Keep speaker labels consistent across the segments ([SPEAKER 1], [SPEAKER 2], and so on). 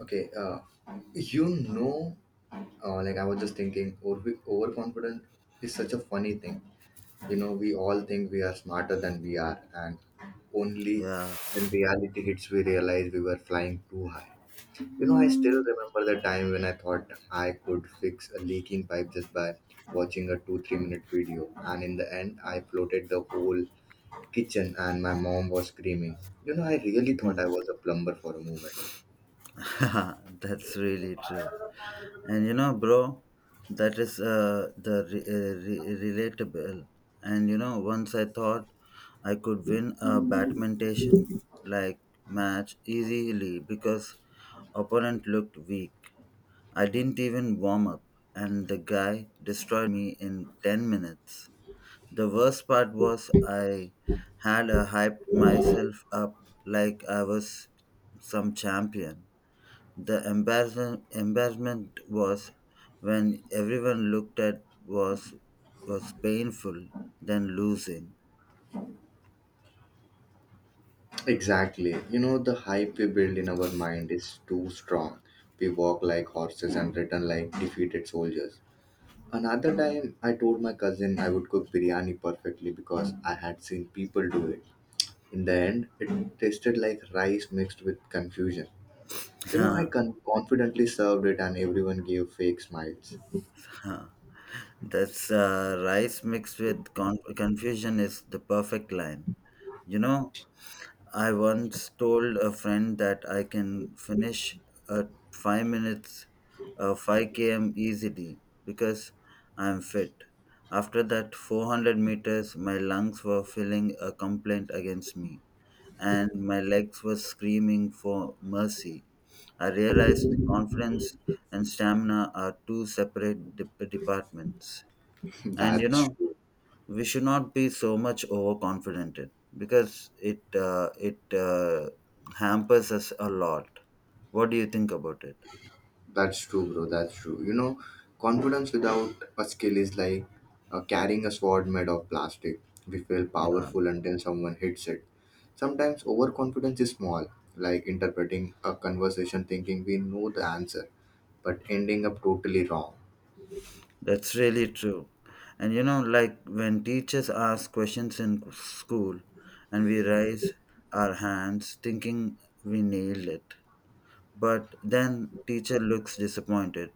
[SPEAKER 1] Okay, uh, you know, like I was just thinking, overconfident is such a funny thing. You know, we all think we are smarter than we are, and only
[SPEAKER 2] Yeah,
[SPEAKER 1] when reality hits, we realize we were flying too high. You know, I still remember the time when I thought I could fix a leaking pipe just by watching a 2 3 minute video, and in the end, I floated the whole kitchen, and my mom was screaming. You know, I really thought I was a plumber for a moment.
[SPEAKER 2] that's really true. And you know, bro, that is relatable. And you know, once I thought I could win a badminton like match easily because opponent looked weak. I didn't even warm up, and the guy destroyed me in 10 minutes. The worst part was I had hyped myself up like I was some champion. The embarrassment was when everyone looked at was painful than losing.
[SPEAKER 1] Exactly. You know, the hype we build in our mind is too strong. We walk like horses and return like defeated soldiers. Another time, I told my cousin I would cook biryani perfectly because I had seen people do it. In the end, it tasted like rice mixed with confusion. You know, I
[SPEAKER 2] Huh,
[SPEAKER 1] confidently served it and everyone gave fake smiles.
[SPEAKER 2] huh. That's rice mixed with confusion is the perfect line. You know, I once told a friend that I can finish a five km easily because I'm fit. After that 400 meters, my lungs were feeling a complaint against me, and my legs were screaming for mercy. I realized confidence and stamina are two separate departments. And you
[SPEAKER 1] That's
[SPEAKER 2] know,
[SPEAKER 1] true.
[SPEAKER 2] we should not be so much overconfident because it hampers us a lot. What do you think about it?
[SPEAKER 1] That's true, bro. That's true. You know, confidence without a skill is like carrying a sword made of plastic. We feel
[SPEAKER 2] Yeah,
[SPEAKER 1] powerful until someone hits it. Sometimes overconfidence is small, like interpreting a conversation thinking we know the answer, but ending up totally wrong.
[SPEAKER 2] that's really true. And you know, like when teachers ask questions in school and we raise our hands thinking we nailed it, but then teacher looks disappointed.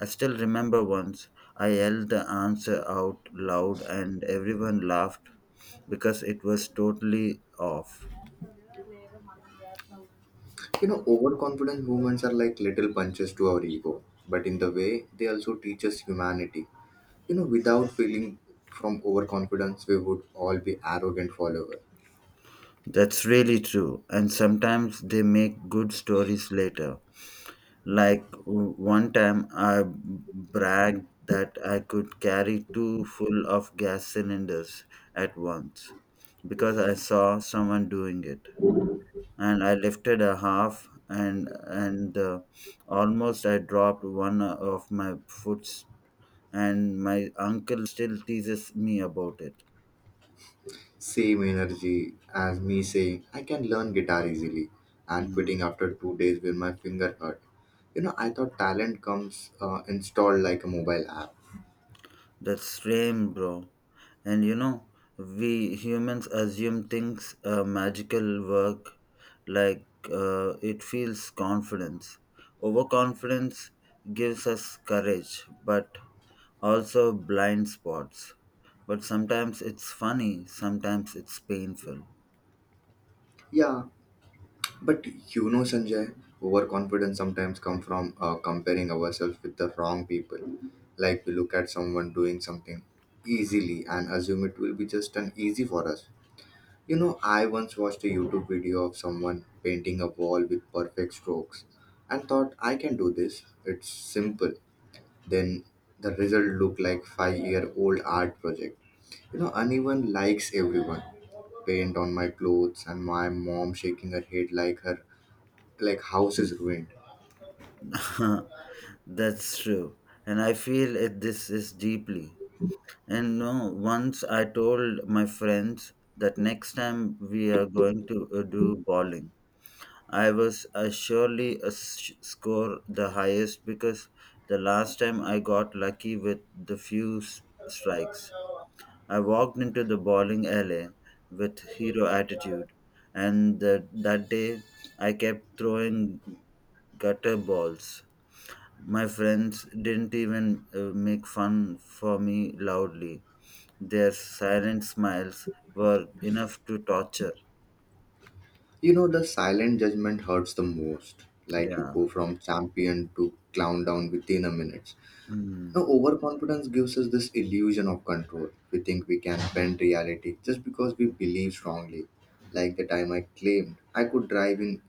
[SPEAKER 2] I still remember once I yelled the answer out loud and everyone laughed because it was totally off.
[SPEAKER 1] You know, overconfident movements are like little punches to our ego, but in the way, they also teach us humanity. You know, without feeling from overconfidence, we would all be arrogant followers.
[SPEAKER 2] That's really true. And sometimes they make good stories later. Like one time I bragged that I could carry two full of gas cylinders at once because I saw someone doing it, and I lifted a half and almost I dropped one of my foots and my uncle still teases me about it.
[SPEAKER 1] Same energy as me saying, I can learn guitar easily and
[SPEAKER 2] Hmm.
[SPEAKER 1] quitting after 2 days when my finger hurt. You know, I thought talent comes installed like a mobile app.
[SPEAKER 2] That's strange, bro. And you know, we humans assume things magical work like it feels confidence. Overconfidence gives us courage, but also blind spots. But sometimes it's funny, sometimes it's painful.
[SPEAKER 1] Yeah, but you know, Sanjay, overconfidence sometimes come from comparing ourselves with the wrong people. Like we look at someone doing something easily and assume it will be just an easy for us. You know, I once watched a YouTube video of someone painting a wall with perfect strokes and thought, I can do this. It's simple. Then the result looked like 5 year old art project. You know, uneven likes everyone. Paint on my clothes and my mom shaking her head like her like house is ruined.
[SPEAKER 2] That's true. And I feel it, this is deeply. And no, once I told my friends that next time we are going to do bowling. I was surely score the highest because the last time I got lucky with the few strikes. I walked into the bowling alley with hero attitude, and that day I kept throwing gutter balls. My friends didn't even make fun for me loudly. Their silent smiles were enough to torture.
[SPEAKER 1] You know, the silent judgment hurts the most. Like you
[SPEAKER 2] Yeah,
[SPEAKER 1] go from champion to clown down within a minute. Now,
[SPEAKER 2] mm,
[SPEAKER 1] overconfidence gives us this illusion of control. We think we can bend reality just because we believe strongly. Like the time I claimed I could drive in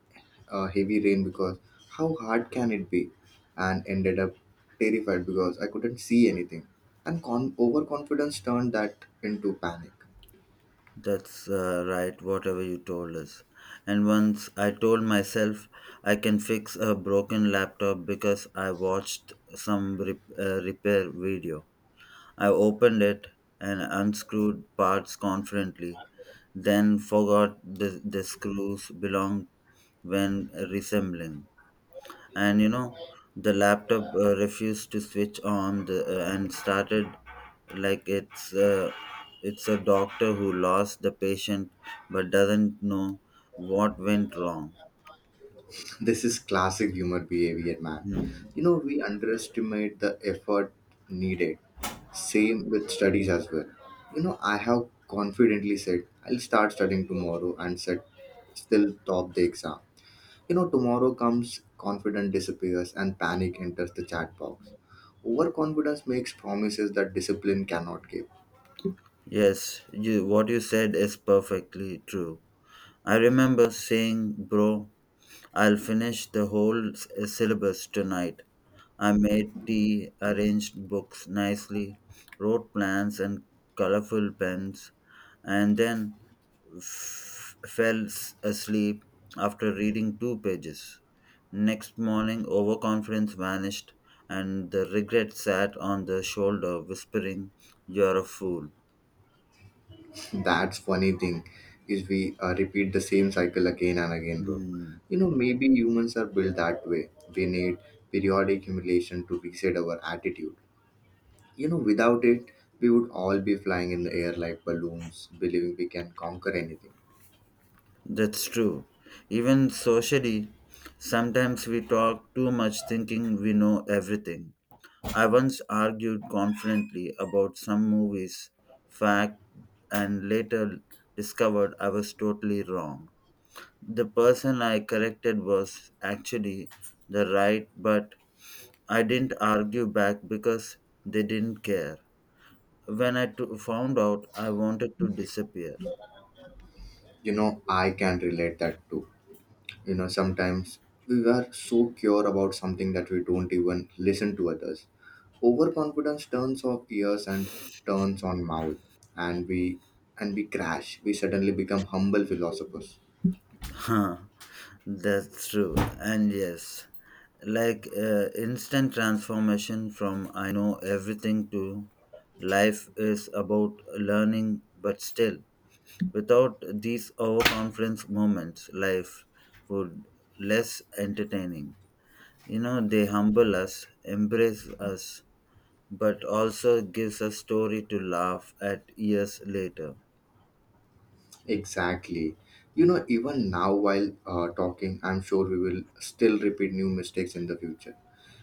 [SPEAKER 1] heavy rain because how hard can it be? And ended up terrified because I couldn't see anything. And overconfidence turned that into panic.
[SPEAKER 2] that's right, whatever you told us. And once I told myself I can fix a broken laptop because I watched some repair video. I opened it and unscrewed parts confidently, then forgot the screws belonged when reassembling. And you know, the laptop refused to switch on and started like it's a doctor who lost the patient but doesn't know what went wrong.
[SPEAKER 1] This is classic humor behavior, man.
[SPEAKER 2] Hmm.
[SPEAKER 1] You know, we underestimate the effort needed. Same with studies as well. You know, I have confidently said, I'll start studying tomorrow and said, still top the exam. You know, tomorrow comes, confidence disappears, and panic enters the chat box. Overconfidence makes promises that discipline cannot give.
[SPEAKER 2] Yes, you, what you said is perfectly true. I remember saying, bro, I'll finish the whole syllabus tonight. I made tea, arranged books nicely, wrote plans and colorful pens, and then fell asleep after reading two pages. Next morning, overconfidence vanished, and the regret sat on the shoulder, whispering, you're a fool.
[SPEAKER 1] That's funny thing is we repeat the same cycle again and again, bro.
[SPEAKER 2] Hmm.
[SPEAKER 1] You know, maybe humans are built that way. We need periodic humiliation to reset our attitude. You know, without it, we would all be flying in the air like balloons, believing we can conquer anything.
[SPEAKER 2] That's true. Even socially, sometimes we talk too much thinking we know everything. I once argued confidently about some movies, fact, and later discovered I was totally wrong. The person I corrected was actually the right, but I didn't argue back because they didn't care. When I found out, I wanted to disappear.
[SPEAKER 1] You know, I can relate that too. You know, sometimes we are so pure about something that we don't even listen to others. Overconfidence turns off ears and turns on mouth, and we crash. We suddenly become humble philosophers.
[SPEAKER 2] Huh, that's true. And yes, like instant transformation from I know everything to life is about learning, but still, without these overconfidence moments, life would less entertaining. You know, they humble us, embrace us, but also gives us story to laugh at years later.
[SPEAKER 1] Exactly. You know, even now while talking, I'm sure we will still repeat new mistakes in the future.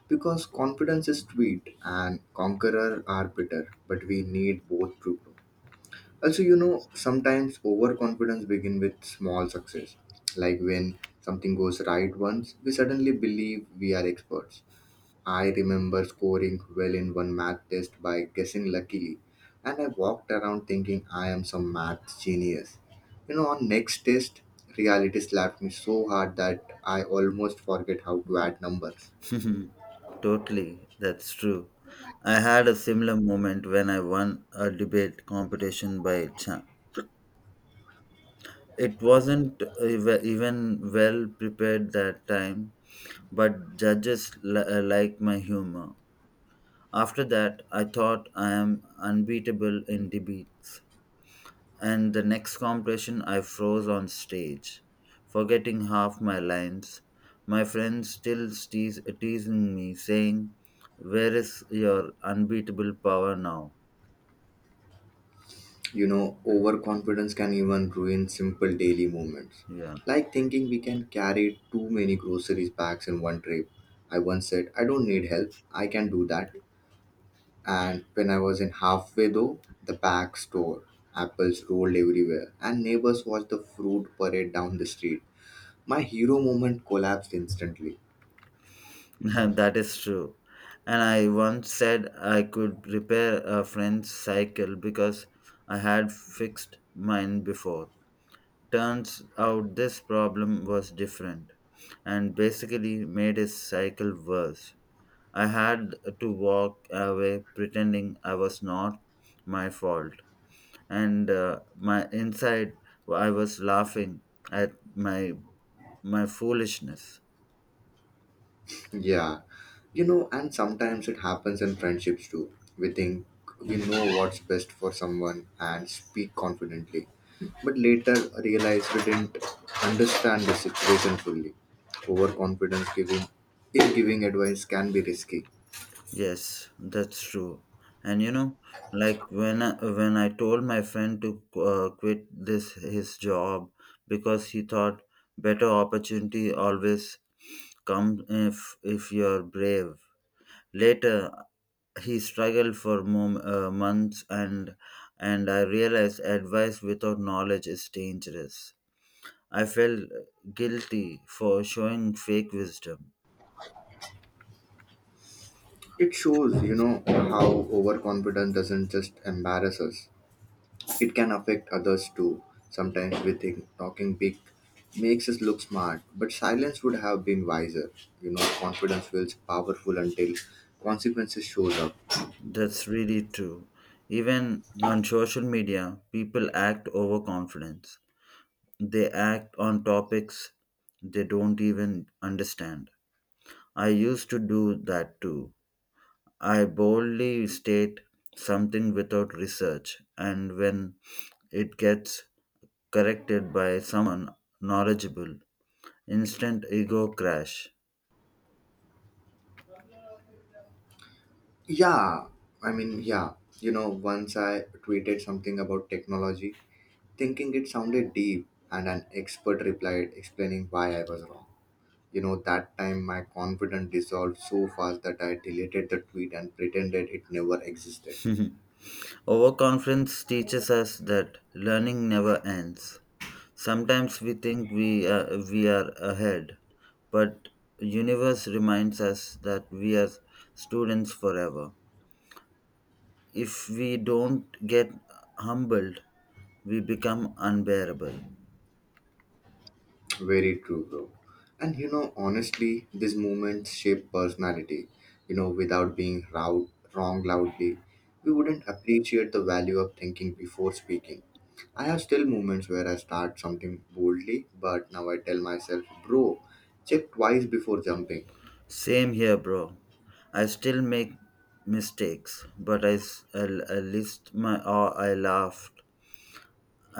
[SPEAKER 1] Because confidence is sweet and conqueror are bitter, but we need both to grow. Also, you know, sometimes overconfidence begin with small success. Like when something goes right once, we suddenly believe we are experts. I remember scoring well in one math test by guessing luckily, and I walked around thinking I am some math genius. You know, on next test, reality slapped me so hard that I almost forget how to add numbers.
[SPEAKER 2] Totally, that's true. I had a similar moment when I won a debate competition by chance. It wasn't even well prepared that time, but judges like my humor. After that, I thought I am unbeatable in debates. And the next competition, I froze on stage, forgetting half my lines. My friends still teasing me, saying, where is your unbeatable power now?
[SPEAKER 1] You know, overconfidence can even ruin simple daily movements,
[SPEAKER 2] Yeah,
[SPEAKER 1] like thinking we can carry too many groceries bags in one trip. I once said, I don't need help, I can do that. And when I was in halfway though, the back store, apples rolled everywhere, and neighbors watched the fruit parade down the street. My hero moment collapsed instantly.
[SPEAKER 2] that is true. And I once said I could repair a friend's cycle because I had fixed mine before. Turns out this problem was different and basically made his cycle worse. I had to walk away pretending I was not my fault. And my inside, I was laughing at my foolishness.
[SPEAKER 1] Yeah, you know, and sometimes it happens in friendships too. We think we know what's best for someone and speak confidently, but later realize we didn't understand the situation fully. Overconfidence giving in giving advice can be risky.
[SPEAKER 2] Yes, that's true. And you know, like when I told my friend to quit this his job because he thought better opportunity always come if you're brave. Later, he struggled for months, and I realized advice without knowledge is dangerous. I felt guilty for showing fake wisdom.
[SPEAKER 1] It shows, you know, how overconfidence doesn't just embarrass us. It can affect others too. Sometimes we think talking big makes us look smart, but silence would have been wiser. You know, confidence feels powerful until consequences shows up.
[SPEAKER 2] That's really true. Even on social media, people act overconfident. They act on topics they don't even understand. I used to do that too. I boldly state something without research, and when it gets corrected by someone knowledgeable, instant ego crash.
[SPEAKER 1] Yeah, yeah. You know, once I tweeted something about technology, thinking it sounded deep, and an expert replied explaining why I was wrong. You know, that time my confidence dissolved so fast that I deleted the tweet and pretended it never existed.
[SPEAKER 2] Overconfidence teaches us that learning never ends. Sometimes we think we are ahead, but universe reminds us that we are students forever. If we don't get humbled, we become unbearable.
[SPEAKER 1] Very true, bro. And you know, honestly, these moments shape personality. You know, without being round, wrong loudly, we wouldn't appreciate the value of thinking before speaking. I have still moments where I start something boldly, but now I tell myself, bro, check twice before jumping.
[SPEAKER 2] Same here, bro. I still make mistakes, but I list my or I laughed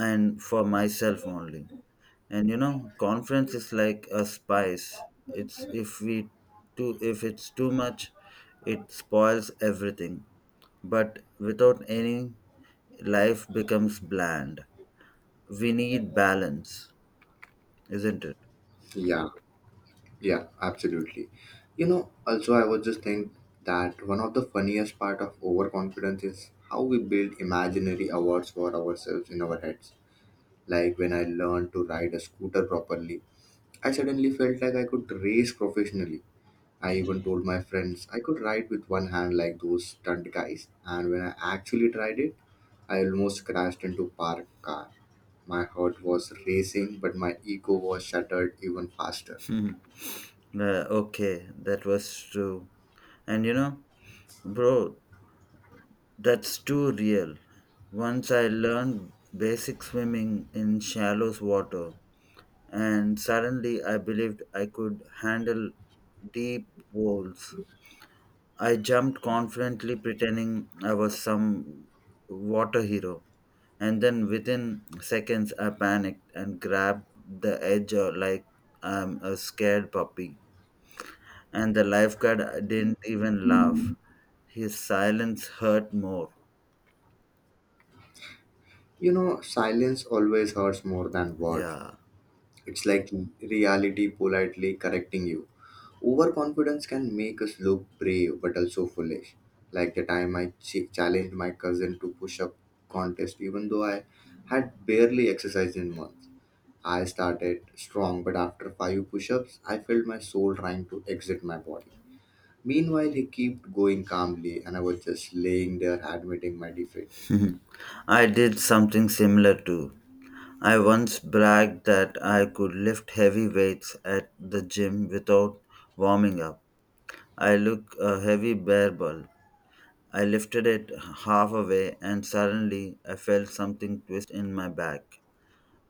[SPEAKER 2] and for myself only. And you know, conference is like a spice. It's if it's too much, it spoils everything. But without any, life becomes bland. We need balance, isn't it?
[SPEAKER 1] Yeah, yeah, absolutely. You know, also, I was just think that one of the funniest part of overconfidence is how we build imaginary awards for ourselves in our heads. Like when I learned to ride a scooter properly, I suddenly felt like I could race professionally. I even told my friends I could ride with one hand like those stunt guys. And when I actually tried it, I almost crashed into parked car. My heart was racing, but my ego was shattered even faster.
[SPEAKER 2] Okay, that was true. And you know, bro, that's too real. Once I learned basic swimming in shallow water, and suddenly I believed I could handle deep pools. I jumped confidently, pretending I was some water hero. And then within seconds, I panicked and grabbed the edge like I'm a scared puppy. And the lifeguard didn't even laugh. His silence hurt more.
[SPEAKER 1] You know, silence always hurts more than words.
[SPEAKER 2] Yeah.
[SPEAKER 1] It's like reality politely correcting you. Overconfidence can make us look brave but also foolish. Like the time I challenged my cousin to push up contest, even though I had barely exercised in months. I started strong, but after five push ups, I felt my soul trying to exit my body. Meanwhile, he kept going calmly, and I was just laying there admitting my defeat.
[SPEAKER 2] Mhm. I did something similar too. I once bragged that I could lift heavy weights at the gym without warming up. I looked a heavy bear ball. I lifted it half away and suddenly I felt something twist in my back.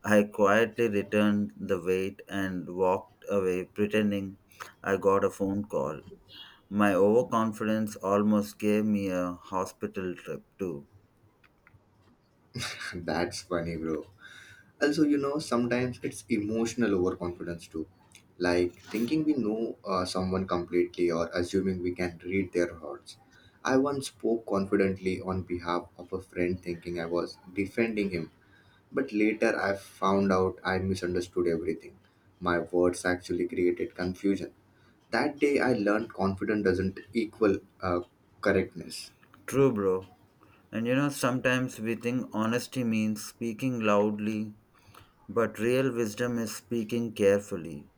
[SPEAKER 2] I quietly returned the weight and walked away pretending I got a phone call. My overconfidence almost gave me a hospital trip too.
[SPEAKER 1] That's funny, bro. Also, you know, sometimes it's emotional overconfidence too. Like thinking we know someone completely or assuming we can read their hearts. I once spoke confidently on behalf of a friend thinking I was defending him, but later I found out I misunderstood everything. My words actually created confusion. That day I learned confidence doesn't equal correctness.
[SPEAKER 2] True, bro. And you know, sometimes we think honesty means speaking loudly, but real wisdom is speaking carefully.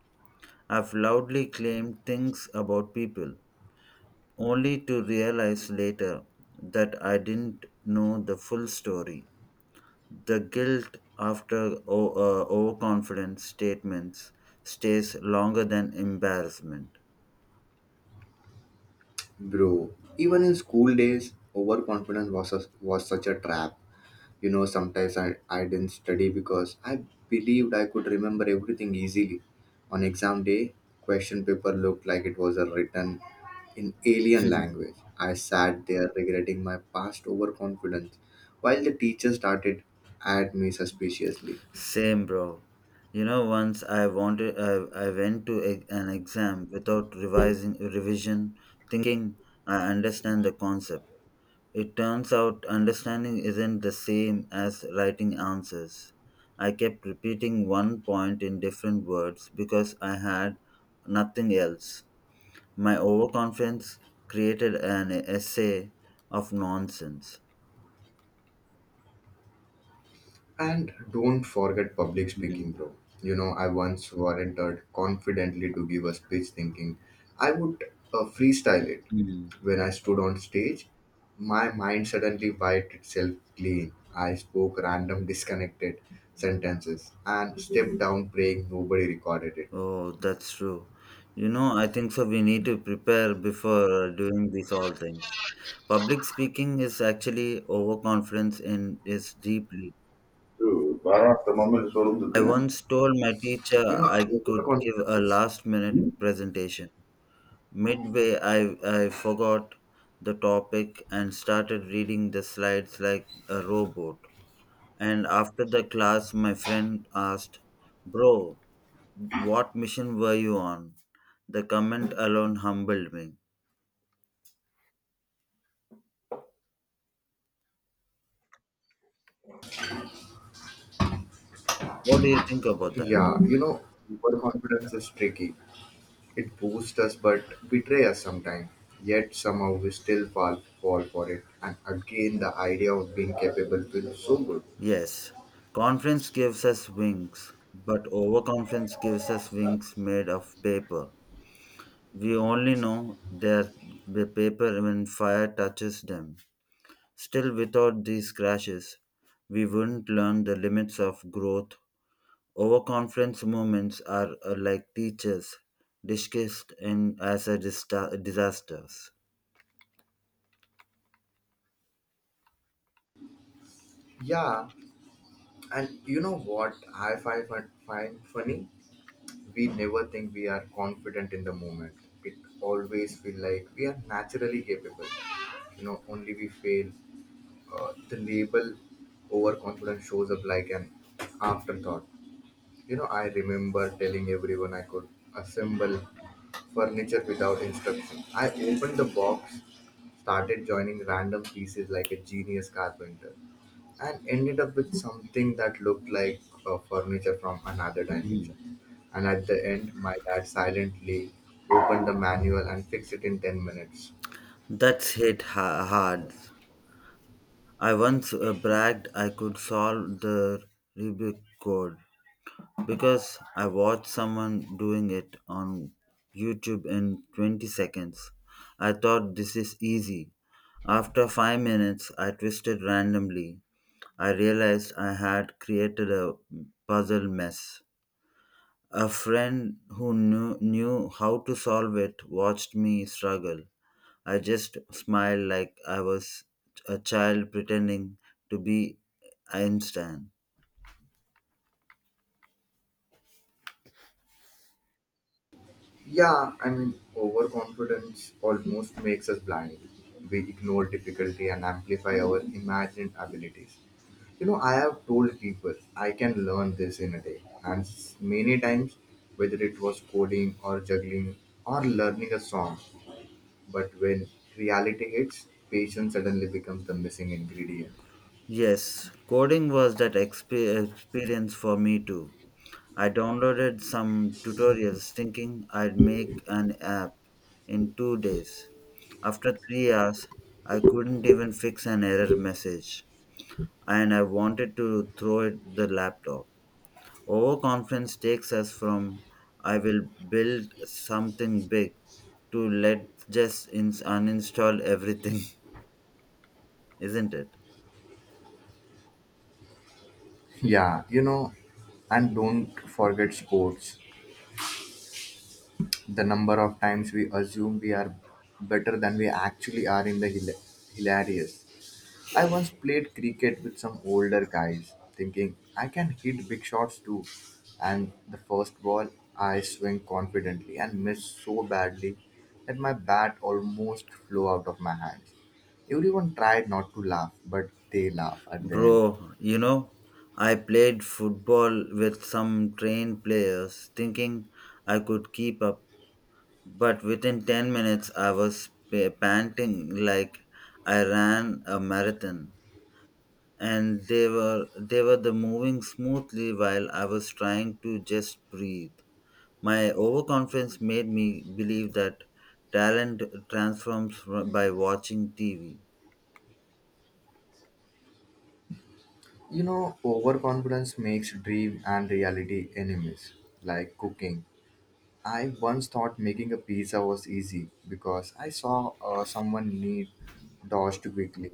[SPEAKER 2] I've loudly claimed things about people, only to realize later that I didn't know the full story. The guilt after overconfident statements stays longer than embarrassment.
[SPEAKER 1] Bro, even in school days, overconfidence was, a, was such a trap. You know, sometimes I didn't study because I believed I could remember everything easily. On exam day, question paper looked like it was a written in alien language. I sat there regretting my past overconfidence while the teacher started at me suspiciously.
[SPEAKER 2] Same, bro. You know, once I wanted, I went to an exam without revising revision, thinking I understand the concept. It turns out understanding isn't the same as writing answers. I kept repeating one point in different words because I had nothing else. My overconfidence created an essay of nonsense.
[SPEAKER 1] And don't forget public speaking,
[SPEAKER 2] Mm,
[SPEAKER 1] bro. You know, I once volunteered confidently to give a speech thinking I would freestyle it.
[SPEAKER 2] mm.
[SPEAKER 1] When I stood on stage, my mind suddenly wiped itself clean. I spoke random, disconnected sentences and stepped down praying nobody recorded it.
[SPEAKER 2] Oh, that's true. You know, I think so. We need to prepare before doing these all things. Public speaking is actually overconfidence and is deeply.
[SPEAKER 1] True. பாராட்டுற moment
[SPEAKER 2] I
[SPEAKER 1] சொல்லுந்துட்டேன்.
[SPEAKER 2] once told my teacher
[SPEAKER 1] You know,
[SPEAKER 2] I could give
[SPEAKER 1] overconfidence
[SPEAKER 2] a
[SPEAKER 1] is,
[SPEAKER 2] last minute
[SPEAKER 1] ம்?
[SPEAKER 2] presentation. Midway, I forgot the topic and started reading the slides like a robot. And after the class, my friend asked, bro, what mission were you on? The comment alone humbled me. What do you think about that?
[SPEAKER 1] Yeah, you know, overconfidence is tricky. It boosts us but betrays us sometimes. Yet somehow we still fall for it. And again, the idea of being capable feels so good.
[SPEAKER 2] Yes, conference gives us wings, but overconfidence gives us wings made of paper. We only know the paper when fire touches them. Still, without these crashes, we wouldn't learn the limits of growth. Overconfidence moments are like teachers discussed in as a disasters.
[SPEAKER 1] Yeah. And you know what I find, find funny? We never think we are confident in the moment. It always feel like we are naturally capable. You know, only we fail. The label overconfidence shows up like an afterthought. You know, I remember telling everyone I could assemble furniture without instruction. I opened the box, started joining random pieces like a genius carpenter and ended up with something that looked like furniture from another dimension. And at the end, my dad silently opened the manual and fixed it in 10 minutes.
[SPEAKER 2] That's hit hard. I once bragged I could solve the Rubik code because I watched someone doing it on YouTube in 20 seconds. I thought this is easy. After 5 minutes, I twisted randomly. I realized I had created a puzzle mess. A friend who knew how to solve it watched me struggle. I just smiled like I was a child pretending to be Einstein.
[SPEAKER 1] Overconfidence almost makes us blind. We ignore difficulty and amplify our imagined abilities. You know, I have told people I can learn this in a day, and many times, whether it was coding or juggling or learning a song, but when reality hits, patience suddenly becomes the missing ingredient.
[SPEAKER 2] Yes, coding was that experience for me too. I downloaded some tutorials thinking I'd make an app in 2 days. After 3 hours, I couldn't even fix an error message, and I wanted to throw it the laptop. Overconfidence takes us from I will build something big to let's just uninstall everything, isn't it?
[SPEAKER 1] Yeah, you know, and don't forget sports. The number of times we assume we are better than we actually are in the hilarious. I once played cricket with some older guys, thinking I can hit big shots too. And the first ball, I swing confidently and missed so badly that my bat almost flew out of my hands. Everyone tried not to laugh, but they laugh at the end.
[SPEAKER 2] Bro, you know, I played football with some trained players thinking I could keep up, but within 10 minutes I was panting like I ran a marathon and they were the moving smoothly while I was trying to just breathe. My overconfidence made me believe that talent transforms by watching TV.
[SPEAKER 1] You know, overconfidence makes dream and reality enemies, like cooking. I once thought making a pizza was easy because I saw someone knead dough too quickly.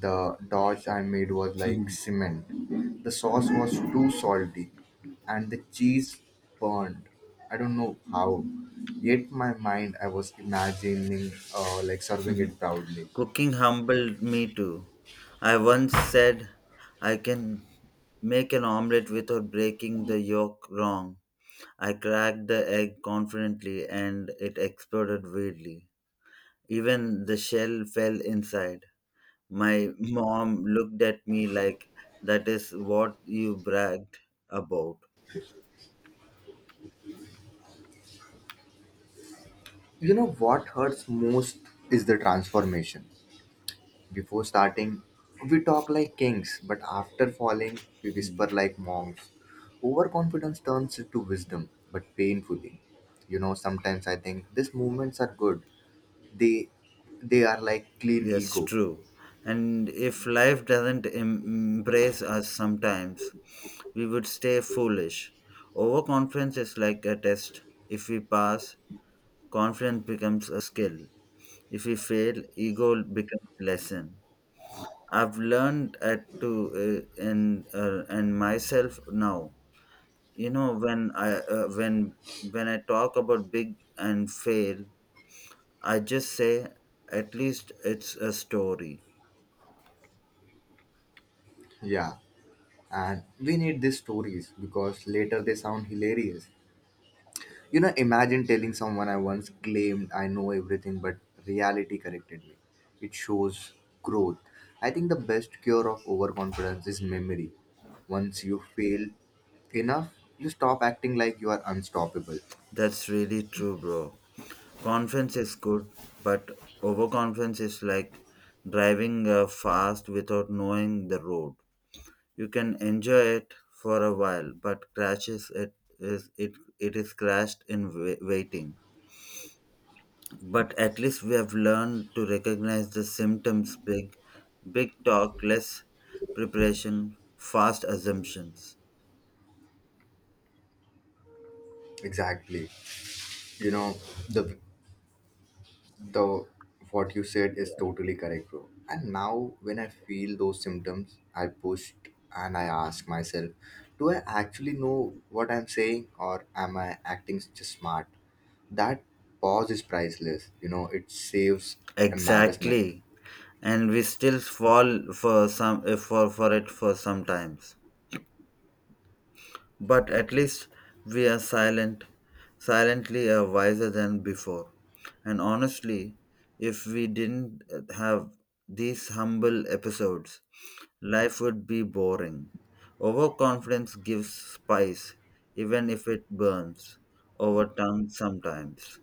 [SPEAKER 1] The dough I made was like cement. The sauce was too salty and the cheese burned. I don't know how. Yet my mind I was imagining like serving it proudly.
[SPEAKER 2] Cooking humbled me too. I once said I can make an omelette without breaking the yolk wrong. I cracked the egg confidently and it exploded weirdly. Even the shell fell inside. My mom looked at me like that is what you bragged about.
[SPEAKER 1] You know what hurts most is the transformation. Before starting, we talk like kings, but after falling, we whisper like monks. Overconfidence turns into wisdom, but painfully. You know, sometimes I think these movements are good. They they are like clean
[SPEAKER 2] Yes,
[SPEAKER 1] ego.
[SPEAKER 2] true. And if life doesn't embrace us sometimes, we would stay foolish. Overconfidence is like a test. If we pass, confidence becomes a skill. If we fail, ego becomes lesson. I've learned at to in myself now. You know when I talk about big and fail, I just say at least it's a story.
[SPEAKER 1] Yeah. And we need these stories because later they sound hilarious. You know, imagine telling someone I once claimed I know everything, but reality corrected me. It shows growth. I think the best cure of overconfidence is memory. Once you fail enough, you stop acting like you are unstoppable.
[SPEAKER 2] That's really true, bro. Confidence is good, but overconfidence is like driving fast without knowing the road. You can enjoy it for a while, but crashes it is it it is crashed in waiting. But at least we have learned to recognize the symptoms. Big talk, less preparation, fast assumptions.
[SPEAKER 1] Exactly. You know, the the what you said is totally correct, bro. And now when I feel those symptoms, I pushed and I ask myself, do I actually know what I'm saying or am I acting just smart? That pause is priceless. You know, it saves embarrassment.
[SPEAKER 2] Exactly. And we still fall for for it for sometimes. But at least we are silently are wiser than before. And honestly, if we didn't have these humble episodes, life would be boring. Overconfidence gives spice, even if it burns over tongue sometimes.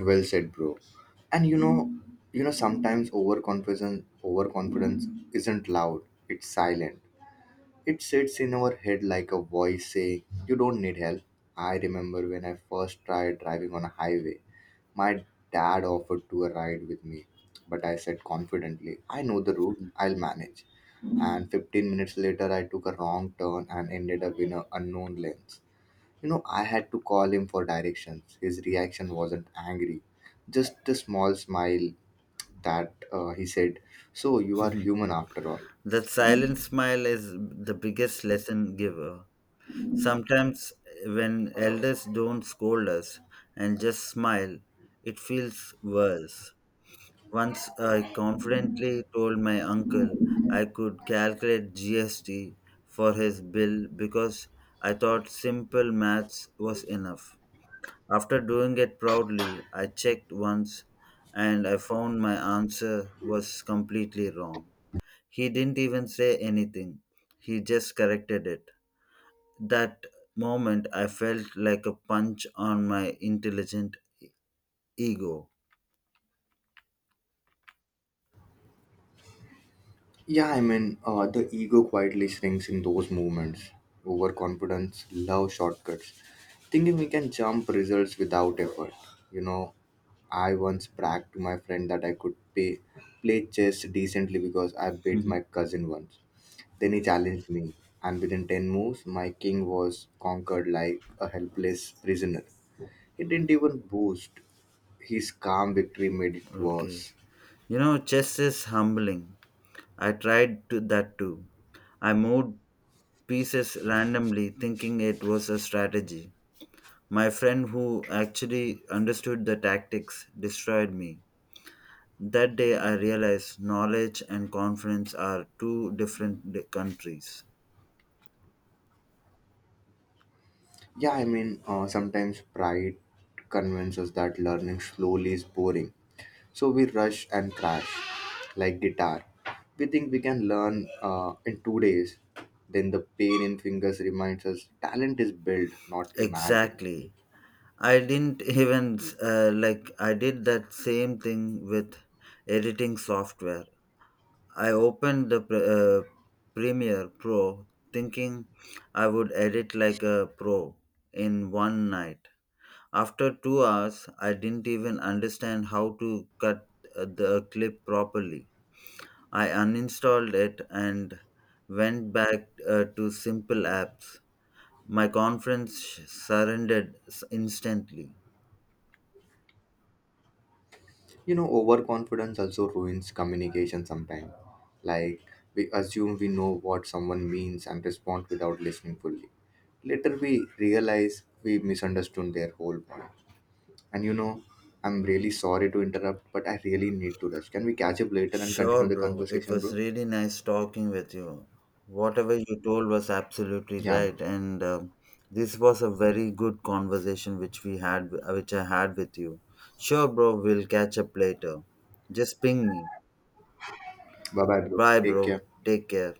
[SPEAKER 1] Well said, bro. And you know sometimes overconfidence overconfidence isn't loud, it's silent. It sits in our head like a voice saying, You don't need help. I remember when I first tried driving on a highway. My dad offered to a ride with me, but I said confidently, I know the route, I'll manage. And 15 minutes later, I took a wrong turn and ended up in an unknown lanes. You know, I had to call him for directions. His reaction wasn't angry, just a small smile that he said, So you are human after all.
[SPEAKER 2] That silent smile is the biggest lesson giver. Sometimes, when elders don't scold us and just smile, it feels worse. Once I confidently told my uncle I could calculate GST for his bill because I thought simple maths was enough. After doing it proudly, I checked once and I found my answer was completely wrong. He didn't even say anything, he just corrected it. That moment, I felt like a punch on my intelligent ego.
[SPEAKER 1] The ego quietly shrinks in those movements. Overconfidence, love shortcuts, thinking we can jump results without effort. You know, I once bragged to my friend that I could play chess decently because I beat
[SPEAKER 2] Mhm.
[SPEAKER 1] my cousin once. Then he challenged me, and within 10 moves, my king was conquered like a helpless prisoner. He didn't even boast; his calm victory made it
[SPEAKER 2] Okay.
[SPEAKER 1] worse.
[SPEAKER 2] You know, chess is humbling. I tried to that too. I moved pieces randomly, thinking it was a strategy. My friend, who actually understood the tactics, destroyed me. That day, I realized knowledge and confidence are two different countries.
[SPEAKER 1] Sometimes pride convinces that learning slowly is boring. So we rush and crash, like guitar. We think we can learn in 2 days. Then the pain in fingers reminds us talent is built, not imagined.
[SPEAKER 2] Exactly. I didn't even like I did that same thing with editing software. I opened the Premiere Pro thinking I would edit like a pro in one night. After 2 hours, I didn't even understand how to cut the clip properly. I uninstalled it and went back to simple apps. My conference surrendered instantly.
[SPEAKER 1] You know, overconfidence also ruins communication sometimes. Like, we assume we know what someone means and respond without listening fully. Later, we realize we misunderstood their whole point. And you know, I'm really sorry to interrupt, but I really need to rush. Can we catch up later and continue
[SPEAKER 2] Sure,
[SPEAKER 1] the
[SPEAKER 2] bro. It
[SPEAKER 1] conversation,
[SPEAKER 2] was
[SPEAKER 1] bro?
[SPEAKER 2] really nice talking with you. Whatever you told was absolutely
[SPEAKER 1] Yeah, bro.
[SPEAKER 2] right, and this was a very good conversation which which I had with you. Sure, bro. We'll catch up later. Just ping me.
[SPEAKER 1] Bye bye, bro.
[SPEAKER 2] Bye,
[SPEAKER 1] Take
[SPEAKER 2] bro.
[SPEAKER 1] care.
[SPEAKER 2] Take care.